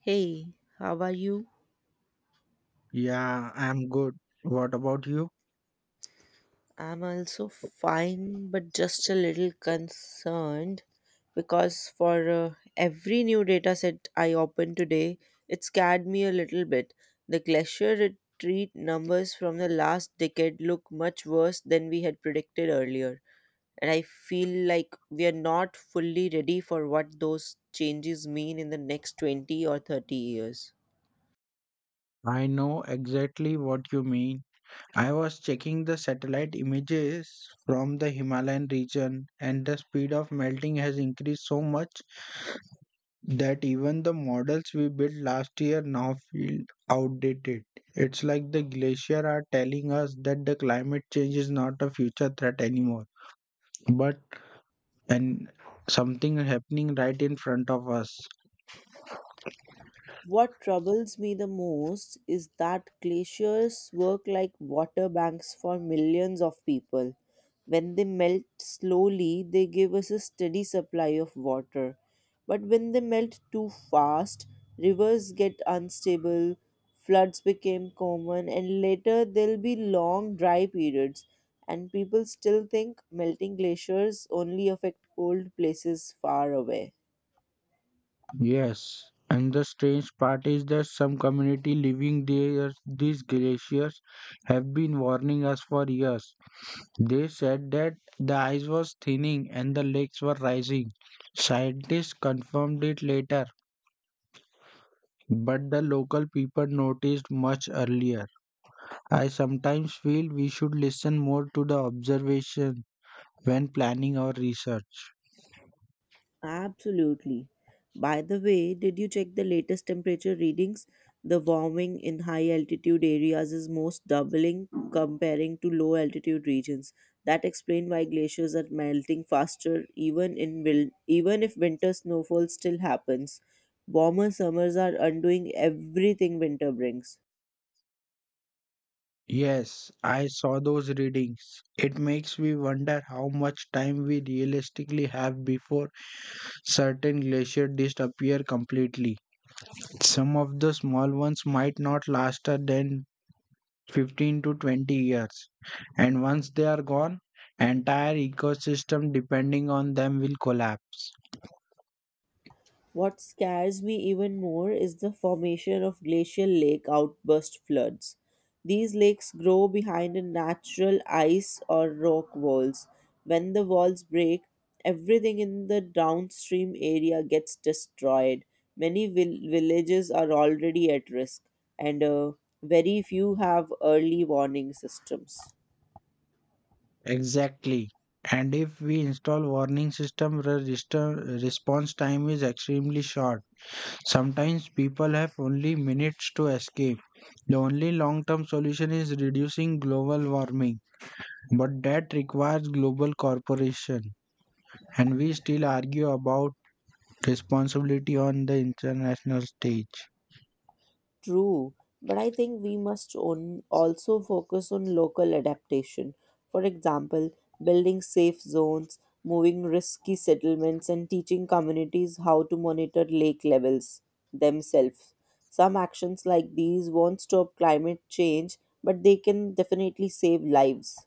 Hey, how are you? Yeah, I'm good. What about you? I'm also fine, but just a little concerned because for every new data set I open today, it scared me a little bit. The glacier retreat numbers from the last decade look much worse than we had predicted earlier, and I feel like we are not fully ready for what those changes mean in the next 20 or 30 years. I know exactly what you mean. I was checking the satellite images from the Himalayan region, and the speed of melting has increased so much that even the models we built last year now feel outdated. It's like the glacier are telling us that the climate change is not a future threat anymore, but an something happening right in front of us. What troubles me the most is that glaciers work like water banks for millions of people. When they melt slowly, they give us a steady supply of water. But when they melt too fast, rivers get unstable, floods became common, and later there'll be long dry periods. And people still think melting glaciers only affect cold places far away. Yes, and the strange part is that some community living there these glaciers have been warning us for years. They said that the ice was thinning and the lakes were rising. Scientists confirmed it later, but the local people noticed much earlier. I sometimes feel we should listen more to the observation when planning our research. Absolutely. By the way, did you check the latest temperature readings? The warming in high altitude areas is most doubling comparing to low altitude regions. That explains why glaciers are melting faster even even if winter snowfall still happens. Warmer summers are undoing everything winter brings. Yes, I saw those readings. It makes me wonder how much time we realistically have before certain glaciers disappear completely. Some of the small ones might not last than 15 to 20 years, and once they are gone, entire ecosystem depending on them will collapse. What scares me even more is the formation of glacial lake outburst floods. These lakes grow behind a natural ice or rock walls. When the walls break, everything in the downstream area gets destroyed. Many villages are already at risk, and very few have early warning systems. Exactly. And if we install warning system, the response time is extremely short. Sometimes people have only minutes to escape. The only long-term solution is reducing global warming, but that requires global cooperation, and we still argue about responsibility on the international stage. True, but I think we must on also focus on local adaptation. For example, building safe zones, moving risky settlements, and teaching communities how to monitor lake levels themselves. Some actions like these won't stop climate change, but they can definitely save lives.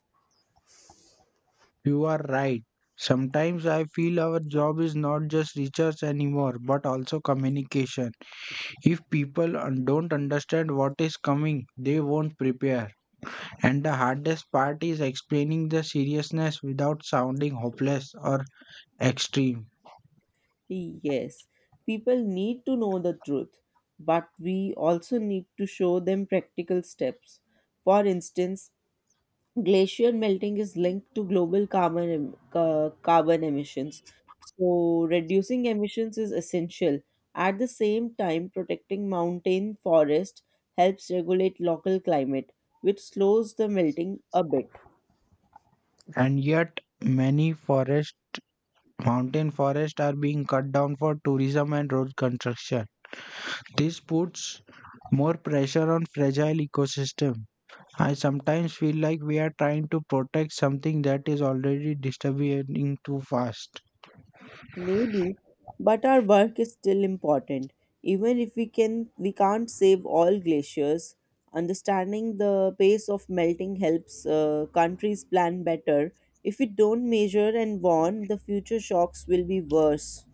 You are right. Sometimes I feel our job is not just research anymore, but also communication. If people don't understand what is coming, they won't prepare. And the hardest part is explaining the seriousness without sounding hopeless or extreme. Yes, people need to know the truth, but we also need to show them practical steps. For instance, glacier melting is linked to global carbon emissions. So reducing emissions is essential. At the same time, protecting mountain forest helps regulate local climate, which slows the melting a bit. And yet, many forest mountain forests are being cut down for tourism and road construction. This puts more pressure on fragile ecosystem. I sometimes feel like we are trying to protect something that is already disappearing too fast. Maybe, but our work is still important. Even if we can't save all glaciers, understanding the pace of melting helps countries plan better. If we don't measure and warn, the future shocks will be worse.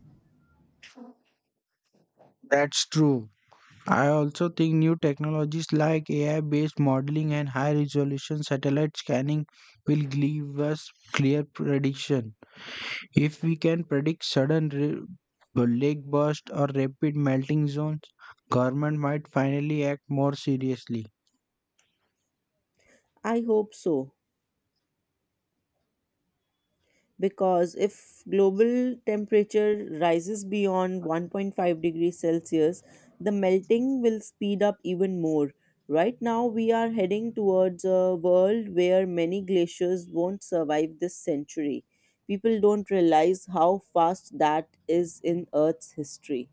That's true. I also think new technologies like AI based modeling and high resolution satellite scanning will give us clear prediction. If we can predict lake burst or rapid melting zones, government might finally act more seriously. I hope so, because if global temperature rises beyond 1.5 degrees Celsius, the melting will speed up even more. Right now, we are heading towards a world where many glaciers won't survive this century. People don't realize how fast that is in Earth's history.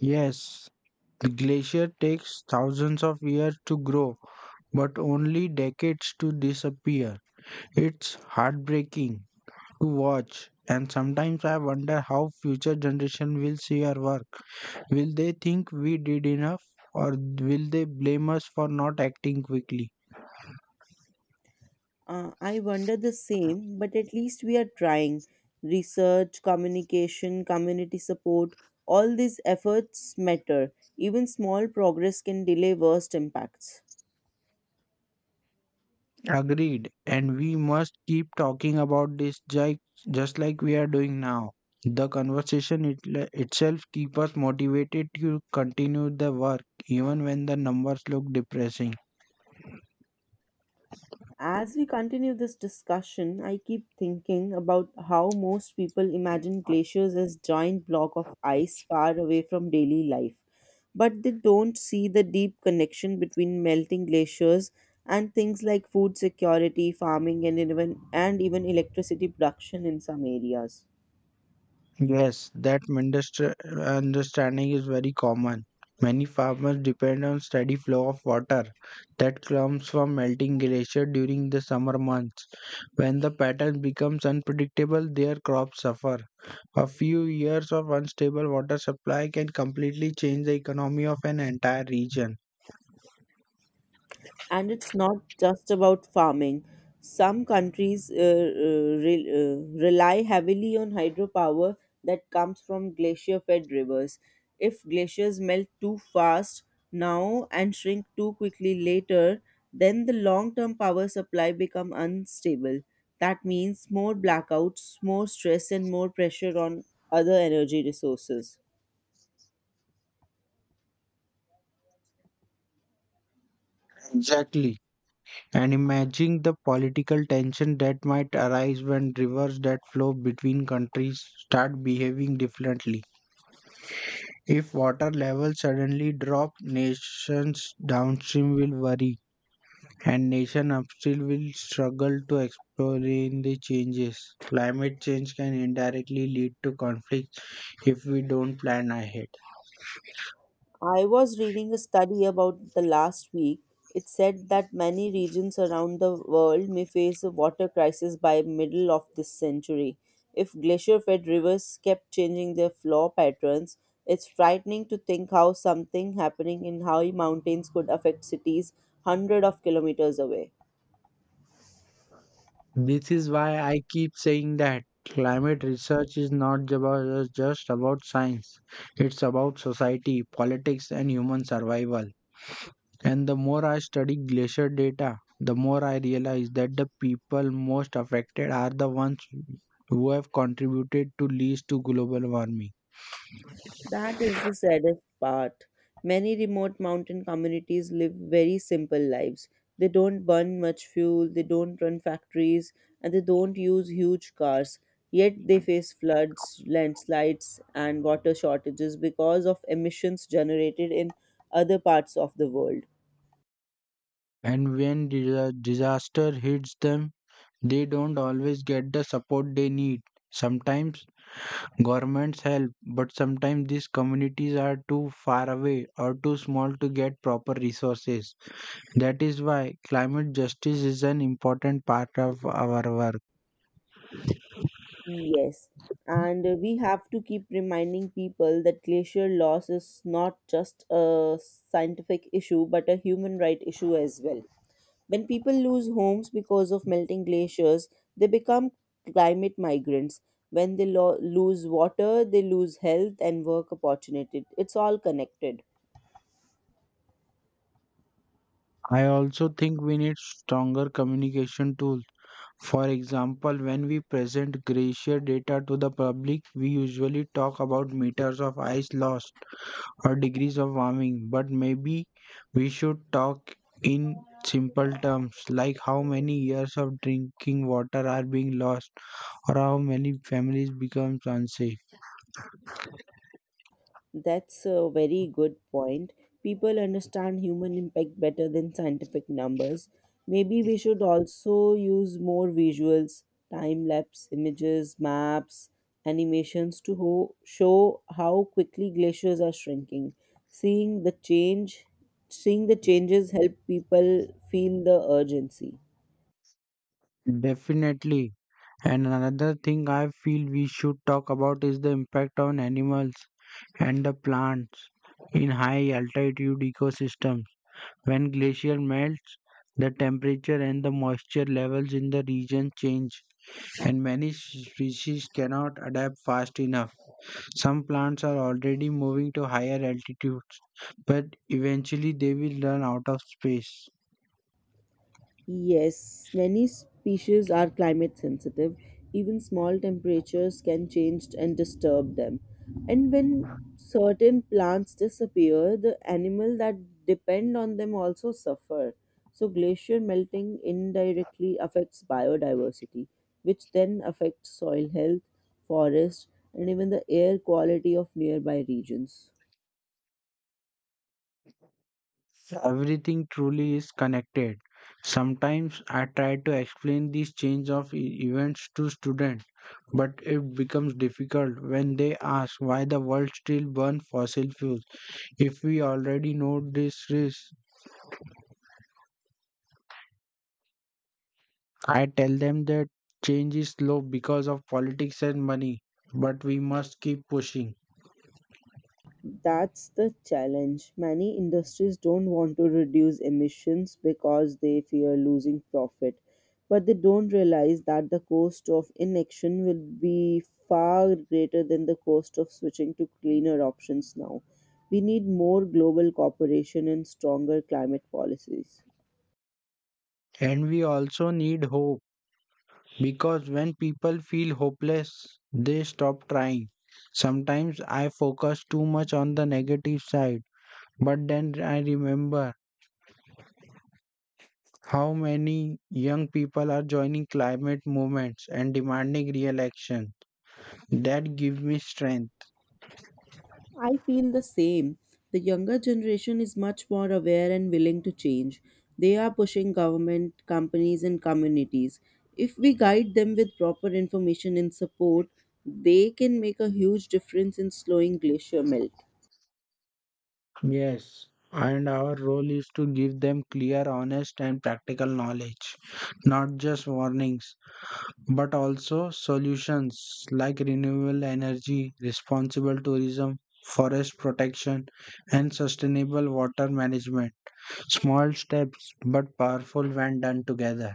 Yes, the glacier takes thousands of years to grow, but only decades to disappear. It's heartbreaking to watch. And sometimes I wonder how future generation will see our work. Will they think we did enough or will they blame us for not acting quickly? I wonder the same, but at least we are trying. Research, communication, community support, all these efforts matter. Even small progress can delay worst impacts. Agreed. And we must keep talking about just like we are doing now. The conversation itself keeps us motivated to continue the work even when the numbers look depressing. As we continue this discussion, I keep thinking about how most people imagine glaciers as giant block of ice far away from daily life, but they don't see the deep connection between melting glaciers and things like food security, farming, and even electricity production in some areas. Yes, that understanding is very common. Many farmers depend on steady flow of water that comes from melting glacier during the summer months. When the pattern becomes unpredictable, their crops suffer. A few years of unstable water supply can completely change the economy of an entire region. And it's not just about farming. Some countries rely heavily on hydropower that comes from glacier fed rivers. If glaciers melt too fast now and shrink too quickly later, then the long term power supply become unstable. That means more blackouts, more stress, and more pressure on other energy resources. Exactly. And imagine the political tension that might arise when rivers that flow between countries start behaving differently. If water levels suddenly drop, nations downstream will worry, and nations upstream will struggle to explain the changes. Climate change can indirectly lead to conflicts if we don't plan ahead. I was reading a study about the last week. It said that many regions around the world may face a water crisis by middle of this century. If glacier-fed rivers kept changing their flow patterns, it's frightening to think how something happening in high mountains could affect cities hundreds of kilometers away. This is why I keep saying that climate research is not just about science, it's about society, politics, and human survival. And the more I study glacier data, the more I realize that the people most affected are the ones who have contributed to least to global warming. That is the saddest part. Many remote mountain communities live very simple lives. They don't burn much fuel, they don't run factories, and they don't use huge cars. Yet they face floods, landslides, and water shortages because of emissions generated in other parts of the world. And when disaster hits them, they don't always get the support they need. Sometimes governments help, but sometimes these communities are too far away or too small to get proper resources. That is why climate justice is an important part of our work. Yes, and we have to keep reminding people that glacier loss is not just a scientific issue but a human right issue as well. When people lose homes because of melting glaciers, they become climate migrants. When they lose water, they lose health and work opportunity. It's all connected. I also think we need stronger communication tools. For example, when we present glacier data to the public, we usually talk about meters of ice lost or degrees of warming, but maybe we should talk in simple terms like how many years of drinking water are being lost or how many families become unsafe. That's a very good point. People understand human impact better than scientific numbers. Maybe we should also use more visuals, time lapse images, maps, animations to show how quickly glaciers are shrinking. Seeing the change, seeing the changes help people feel the urgency. Definitely. And another thing I feel we should talk about is the impact on animals and the plants in high altitude ecosystems. When glacier melts, the temperature and the moisture levels in the region change, and many species cannot adapt fast enough. Some plants are already moving to higher altitudes, but eventually they will run out of space. Yes, many species are climate sensitive. Even small temperatures can change and disturb them. And when certain plants disappear, the animal that depend on them also suffer. So glacier melting indirectly affects biodiversity, which then affects soil health, forest, and even the air quality of nearby regions. So, everything truly is connected. Sometimes I try to explain these events to students, but it becomes difficult when they ask why the world still burns fossil fuels. If we already know this risk, I tell them that change is slow because of politics and money, but we must keep pushing. That's the challenge. Many industries don't want to reduce emissions because they fear losing profit, but they don't realize that the cost of inaction will be far greater than the cost of switching to cleaner options now. We need more global cooperation and stronger climate policies. And we also need hope. Because when people feel hopeless, they stop trying. Sometimes I focus too much on the negative side, but then I remember how many young people are joining climate movements and demanding real action. That gives me strength. I feel the same. The younger generation is much more aware and willing to change. They are pushing government, companies, and communities. If we guide them with proper information and support, they can make a huge difference in slowing glacier melt. Yes, and our role is to give them clear, honest, and practical knowledge, not just warnings, but also solutions like renewable energy, responsible tourism, forest protection, and sustainable water management. Small steps but powerful when done together.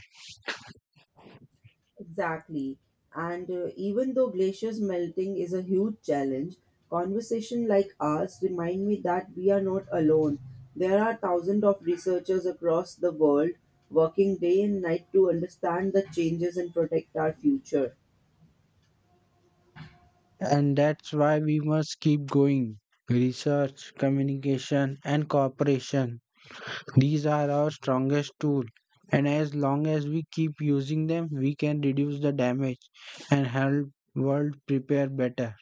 Exactly. And even though glaciers melting is a huge challenge, conversations like ours remind me that we are not alone. There are thousands of researchers across the world working day and night to understand the changes and protect our future. And that's why we must keep going. Research, communication, and cooperation. These are our strongest tools. And as long as we keep using them, we can reduce the damage and help world prepare better.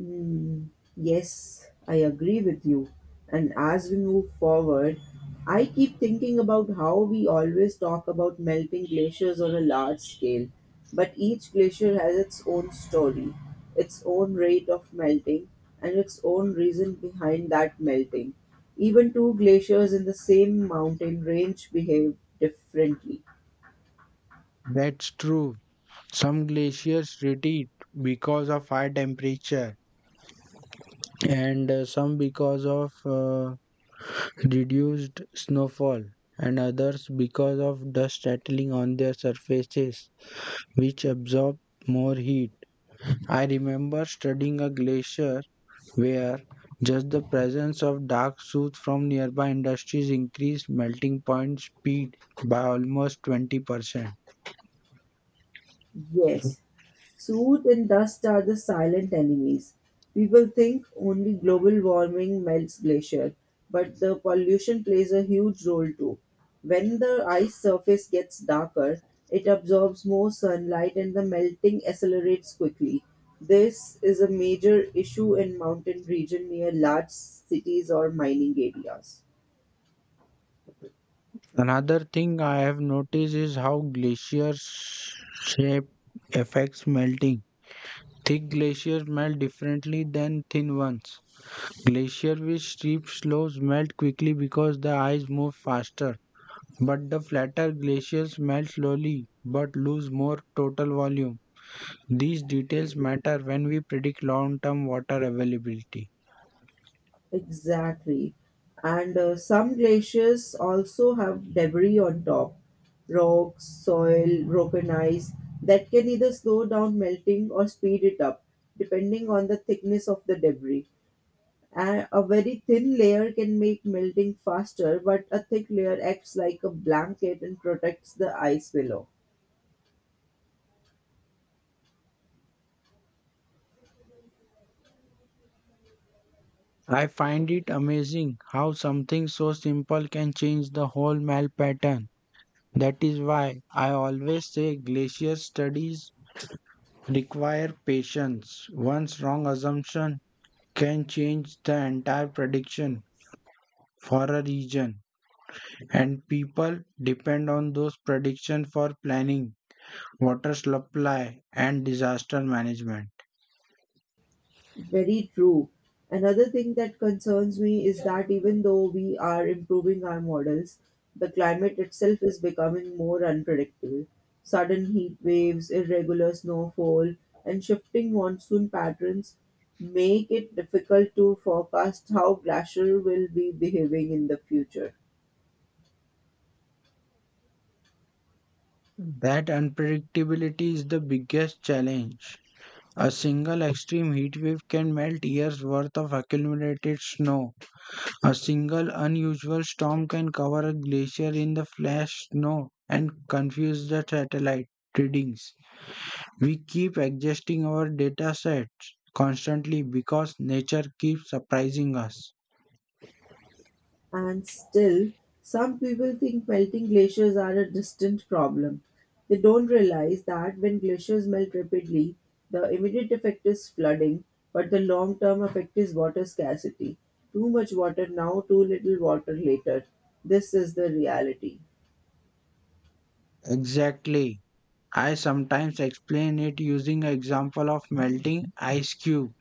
Mm, yes, I agree with you. And as we move forward, I keep thinking about how we always talk about melting glaciers on a large scale, but each glacier has its own story, its own rate of melting, and its own reason behind that melting. Even two glaciers in the same mountain range behave differently. That's true. Some glaciers retreat because of high temperature and some because of reduced snowfall and others because of dust settling on their surfaces which absorb more heat. I remember studying a glacier where just the presence of dark soot from nearby industries increased melting point speed by almost 20%. Yes, soot and dust are the silent enemies. People think only global warming melts glacier, but the pollution plays a huge role too. When the ice surface gets darker, it absorbs more sunlight and the melting accelerates quickly. This is a major issue in mountain region near large cities or mining areas. Another thing I have noticed is how shape affects melting. Thick glaciers melt differently than thin ones. Glaciers with steep slopes melt quickly because the ice moves faster, but the flatter glaciers melt slowly but lose more total volume. These details matter when we predict long term water availability. Exactly. And some glaciers also have debris on top, rocks, soil, broken ice that can either slow down melting or speed it up, depending on the thickness of the debris. And a very thin layer can make melting faster, but a thick layer acts like a blanket and protects the ice below. I find it amazing how something so simple can change the whole melt pattern. That is why I always say glacier studies require patience. One wrong assumption can change the entire prediction for a region, and people depend on those predictions for planning, water supply, and disaster management. Very true. Another thing that concerns me is that even though we are improving our models, the climate itself is becoming more unpredictable. Sudden heat waves, irregular snowfall, and shifting monsoon patterns make it difficult to forecast how glacier will be behaving in the future. That unpredictability is the biggest challenge. A single extreme heat wave can melt years' worth of accumulated snow. A single unusual storm can cover a glacier in the flash snow and confuse the satellite readings. We keep adjusting our data sets constantly because nature keeps surprising us. And still, some people think melting glaciers are a distant problem. They don't realize that when glaciers melt rapidly, the immediate effect is flooding, but the long term effect is water scarcity. Too much water now, too little water later. This is the reality. Exactly. I sometimes explain it using an example of melting ice cube.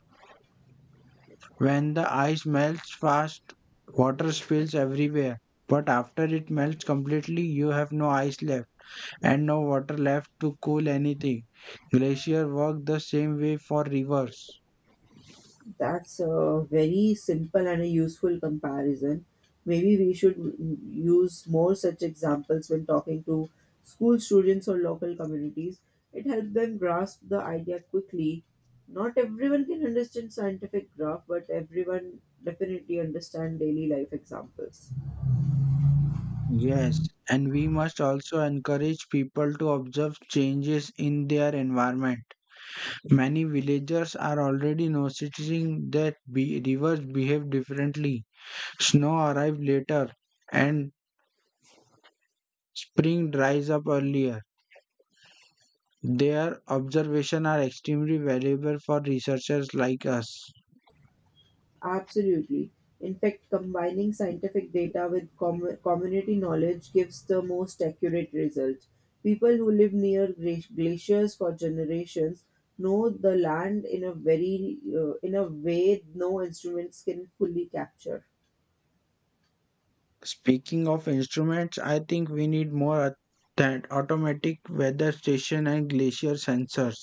When the ice melts fast, water spills everywhere. But after it melts completely, you have no ice left and no water left to cool anything. Glacier work the same way for rivers. That's a very simple and a useful comparison. Maybe we should use more such examples when talking to school students or local communities. It helps them grasp the idea quickly. Not everyone can understand scientific graph, but everyone definitely understand daily life examples. Yes, and we must also encourage people to observe changes in their environment. Many villagers are already noticing that rivers behave differently. Snow arrives later and spring dries up earlier. Their observations are extremely valuable for researchers like us. Absolutely. In fact, combining scientific data with community knowledge gives the most accurate result. People who live near glaciers for generations know the land in a way no instruments can fully capture. Speaking of instruments, I think we need more than automatic weather station and glacier sensors.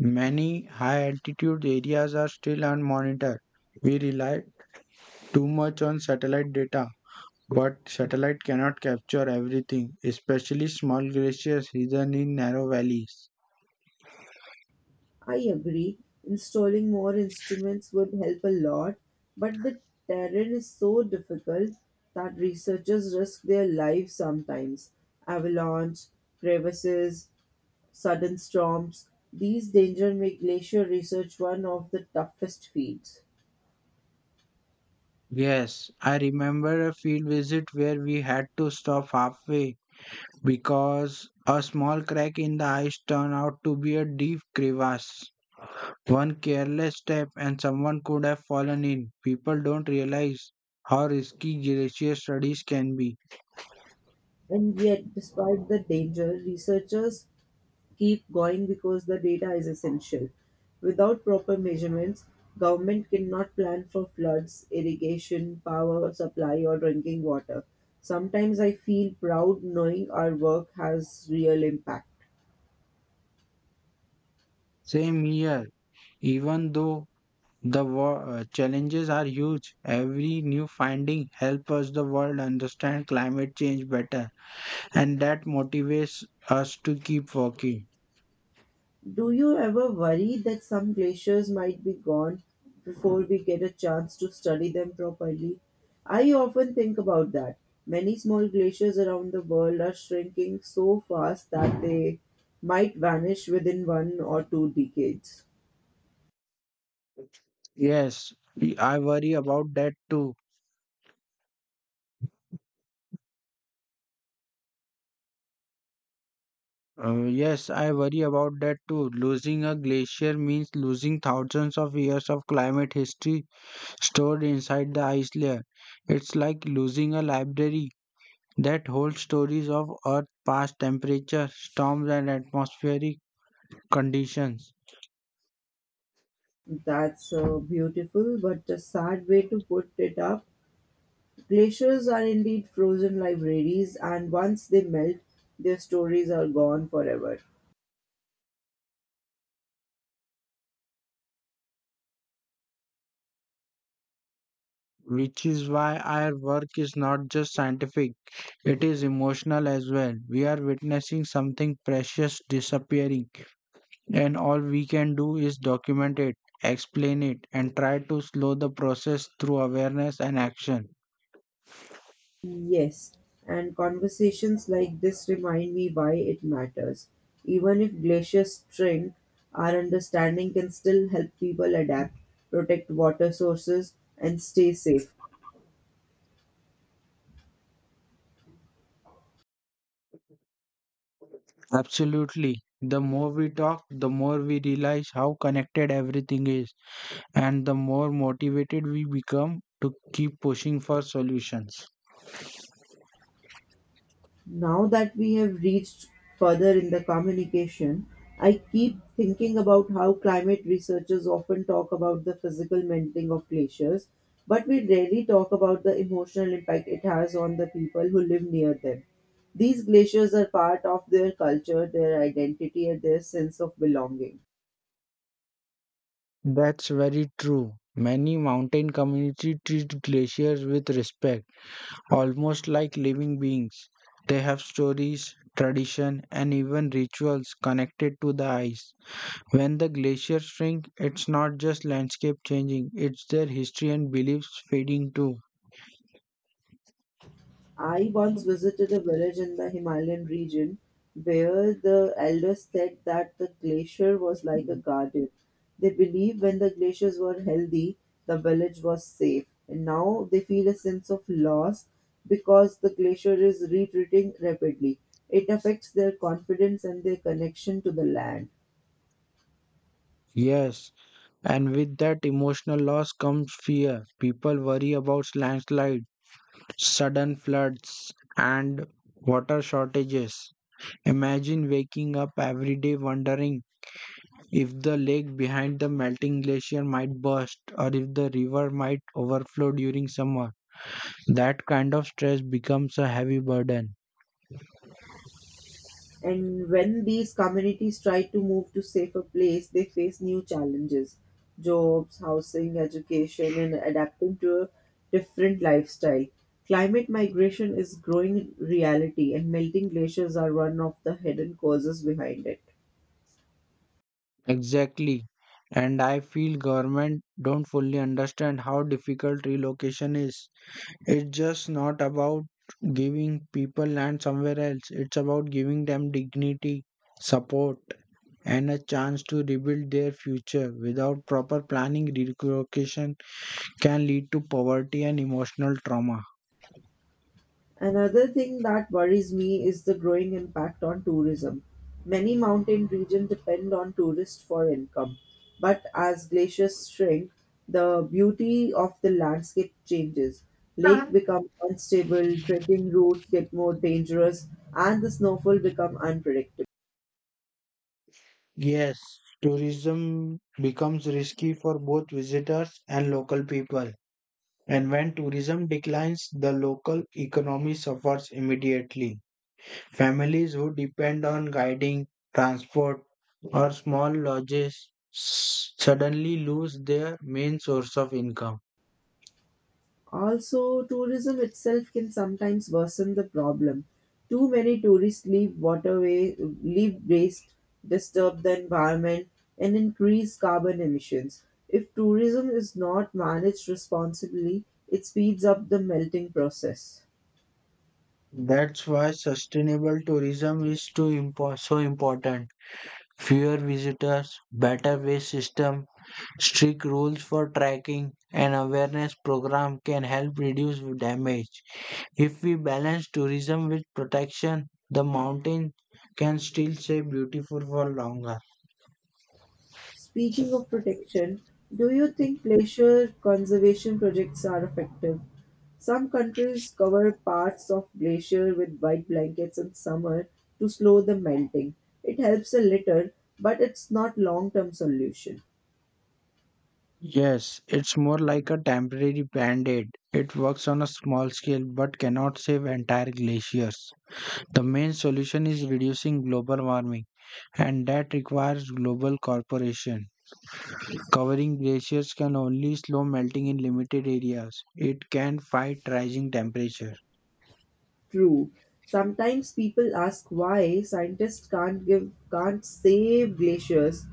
Many high altitude areas are still unmonitored. We rely too much on satellite data, but satellite cannot capture everything, especially small glaciers hidden in narrow valleys. I agree. Installing more instruments would help a lot, but the terrain is so difficult that researchers risk their lives sometimes. Avalanche, crevices, sudden storms. These dangers make glacier research one of the toughest fields. Yes, I remember a field visit where we had to stop halfway because a small crack in the ice turned out to be a deep crevasse. One careless step and someone could have fallen in. People don't realize how risky glacier studies can be. And yet, despite the danger, researchers keep going because the data is essential. Without proper measurements, government cannot plan for floods, irrigation, power supply, or drinking water. Sometimes I feel proud knowing our work has real impact. Same here, even though challenges are huge, every new finding helps us the world understand climate change better, and that motivates us to keep working. Do you ever worry that some glaciers might be gone before we get a chance to study them properly? I often think about that. Many small glaciers around the world are shrinking so fast that they might vanish within one or two decades. Yes, I worry about that too. Yes, I worry about that too. Losing a glacier means losing thousands of years of climate history stored inside the ice layer. It's like losing a library that holds stories of Earth's past temperature, storms, and atmospheric conditions. That's a beautiful but a sad way to put it up. Glaciers are indeed frozen libraries, and once they melt, their stories are gone forever. Which is why our work is not just scientific, it is emotional as well. We are witnessing something precious disappearing. And all we can do is document it, explain it, and try to slow the process through awareness and action. Yes, and conversations like this remind me why it matters. Even if glaciers shrink, our understanding can still help people adapt, protect water sources, and stay safe. Absolutely. The more we talk, the more we realize how connected everything is, and the more motivated we become to keep pushing for solutions. Now that we have reached further in the communication, I keep thinking about how climate researchers often talk about the physical melting of glaciers, but we rarely talk about the emotional impact it has on the people who live near them. These glaciers are part of their culture, their identity, and their sense of belonging. That's very true. Many mountain communities treat glaciers with respect, almost like living beings. They have stories, tradition, and even rituals connected to the ice. When the glaciers shrink, it's not just landscape changing, it's their history and beliefs fading too. I once visited a village in the Himalayan region where the elders said that the glacier was like a garden. They believed when the glaciers were healthy, the village was safe. And now they feel a sense of loss because the glacier is retreating rapidly. It affects their confidence and their connection to the land. Yes, and with that emotional loss comes fear. People worry about landslides, sudden floods, and water shortages. Imagine waking up every day wondering if the lake behind the melting glacier might burst or if the river might overflow during summer. That kind of stress becomes a heavy burden. And when these communities try to move to safer place, they face new challenges, jobs, housing, education, and adapting to a different lifestyle. Climate migration is growing reality, and melting glaciers are one of the hidden causes behind it. Exactly. And I feel government don't fully understand how difficult relocation is. It's just not about giving people land somewhere else. It's about giving them dignity, support, and a chance to rebuild their future. Without proper planning, relocation can lead to poverty and emotional trauma. Another thing that worries me is the growing impact on tourism. Many mountain regions depend on tourists for income, but as glaciers shrink, the beauty of the landscape changes. Lake become unstable, trekking routes get more dangerous, and the snowfall become unpredictable. Yes, tourism becomes risky for both visitors and local people. And when tourism declines, the local economy suffers immediately. Families who depend on guiding, transport, or small suddenly lose their main source of income. Also, tourism itself can sometimes worsen the problem. Too many tourists leave waste, disturb the environment, and increase carbon emissions. If tourism is not managed responsibly, it speeds up the melting process. That's why sustainable tourism is so important. Fewer visitors, better waste system, strict rules for tracking, and awareness program can help reduce damage. If we balance tourism with protection, the mountain can still stay beautiful for longer. Speaking of protection, do you think glacier conservation projects are effective? Some countries cover parts of glacier with white blankets in summer to slow the melting. It helps a little, but it's not long-term solution. Yes, it's more like a temporary band aid. It works on a small scale but cannot save entire glaciers. The main solution is reducing global warming, and that requires global cooperation. Covering glaciers can only slow melting in limited areas. It can fight rising temperature. True. Sometimes people ask why scientists can't save glaciers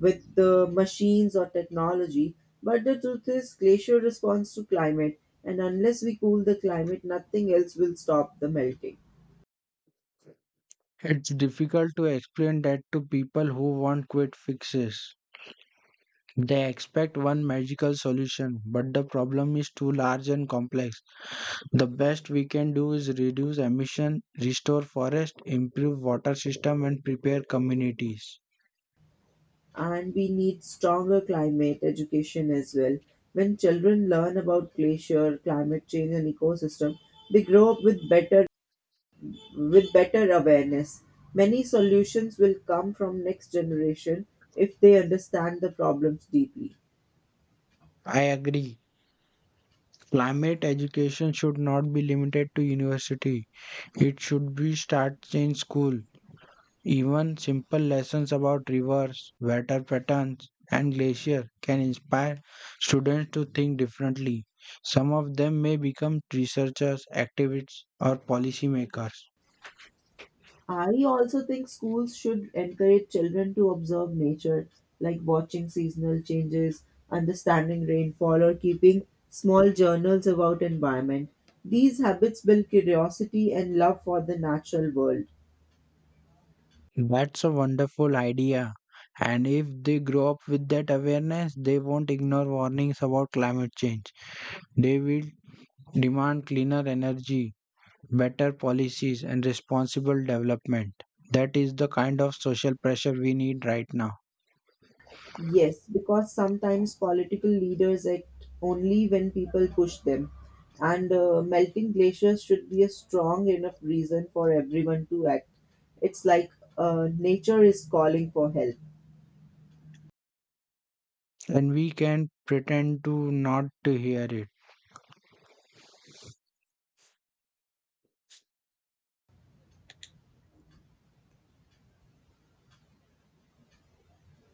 with the machines or technology. But the truth is glacier responds to climate, and unless we cool the climate nothing else will stop the melting. It's difficult to explain that to people who want quick fixes. They expect one magical solution, but the problem is too large and complex. The best we can do is reduce emission, restore forest, improve water system and prepare communities. And we need stronger climate education as well. When children learn about glacier, climate change and ecosystem, they grow up with better awareness, many solutions will come from next generation if they understand the problems deeply. I agree. Climate education should not be limited to university. It should be started in school. Even simple lessons about rivers, weather patterns, and glaciers can inspire students to think differently. Some of them may become researchers, activists, or policymakers. I also think schools should encourage children to observe nature, like watching seasonal changes, understanding rainfall, or keeping small journals about environment. These habits build curiosity and love for the natural world. That's a wonderful idea. And if they grow up with that awareness, they won't ignore warnings about climate change. They will demand cleaner energy, better policies, and responsible development. That is the kind of social pressure we need right now. Yes, because sometimes political leaders act only when people push them, and melting glaciers should be a strong enough reason for everyone to act. It's like nature is calling for help. And we can pretend to not to hear it.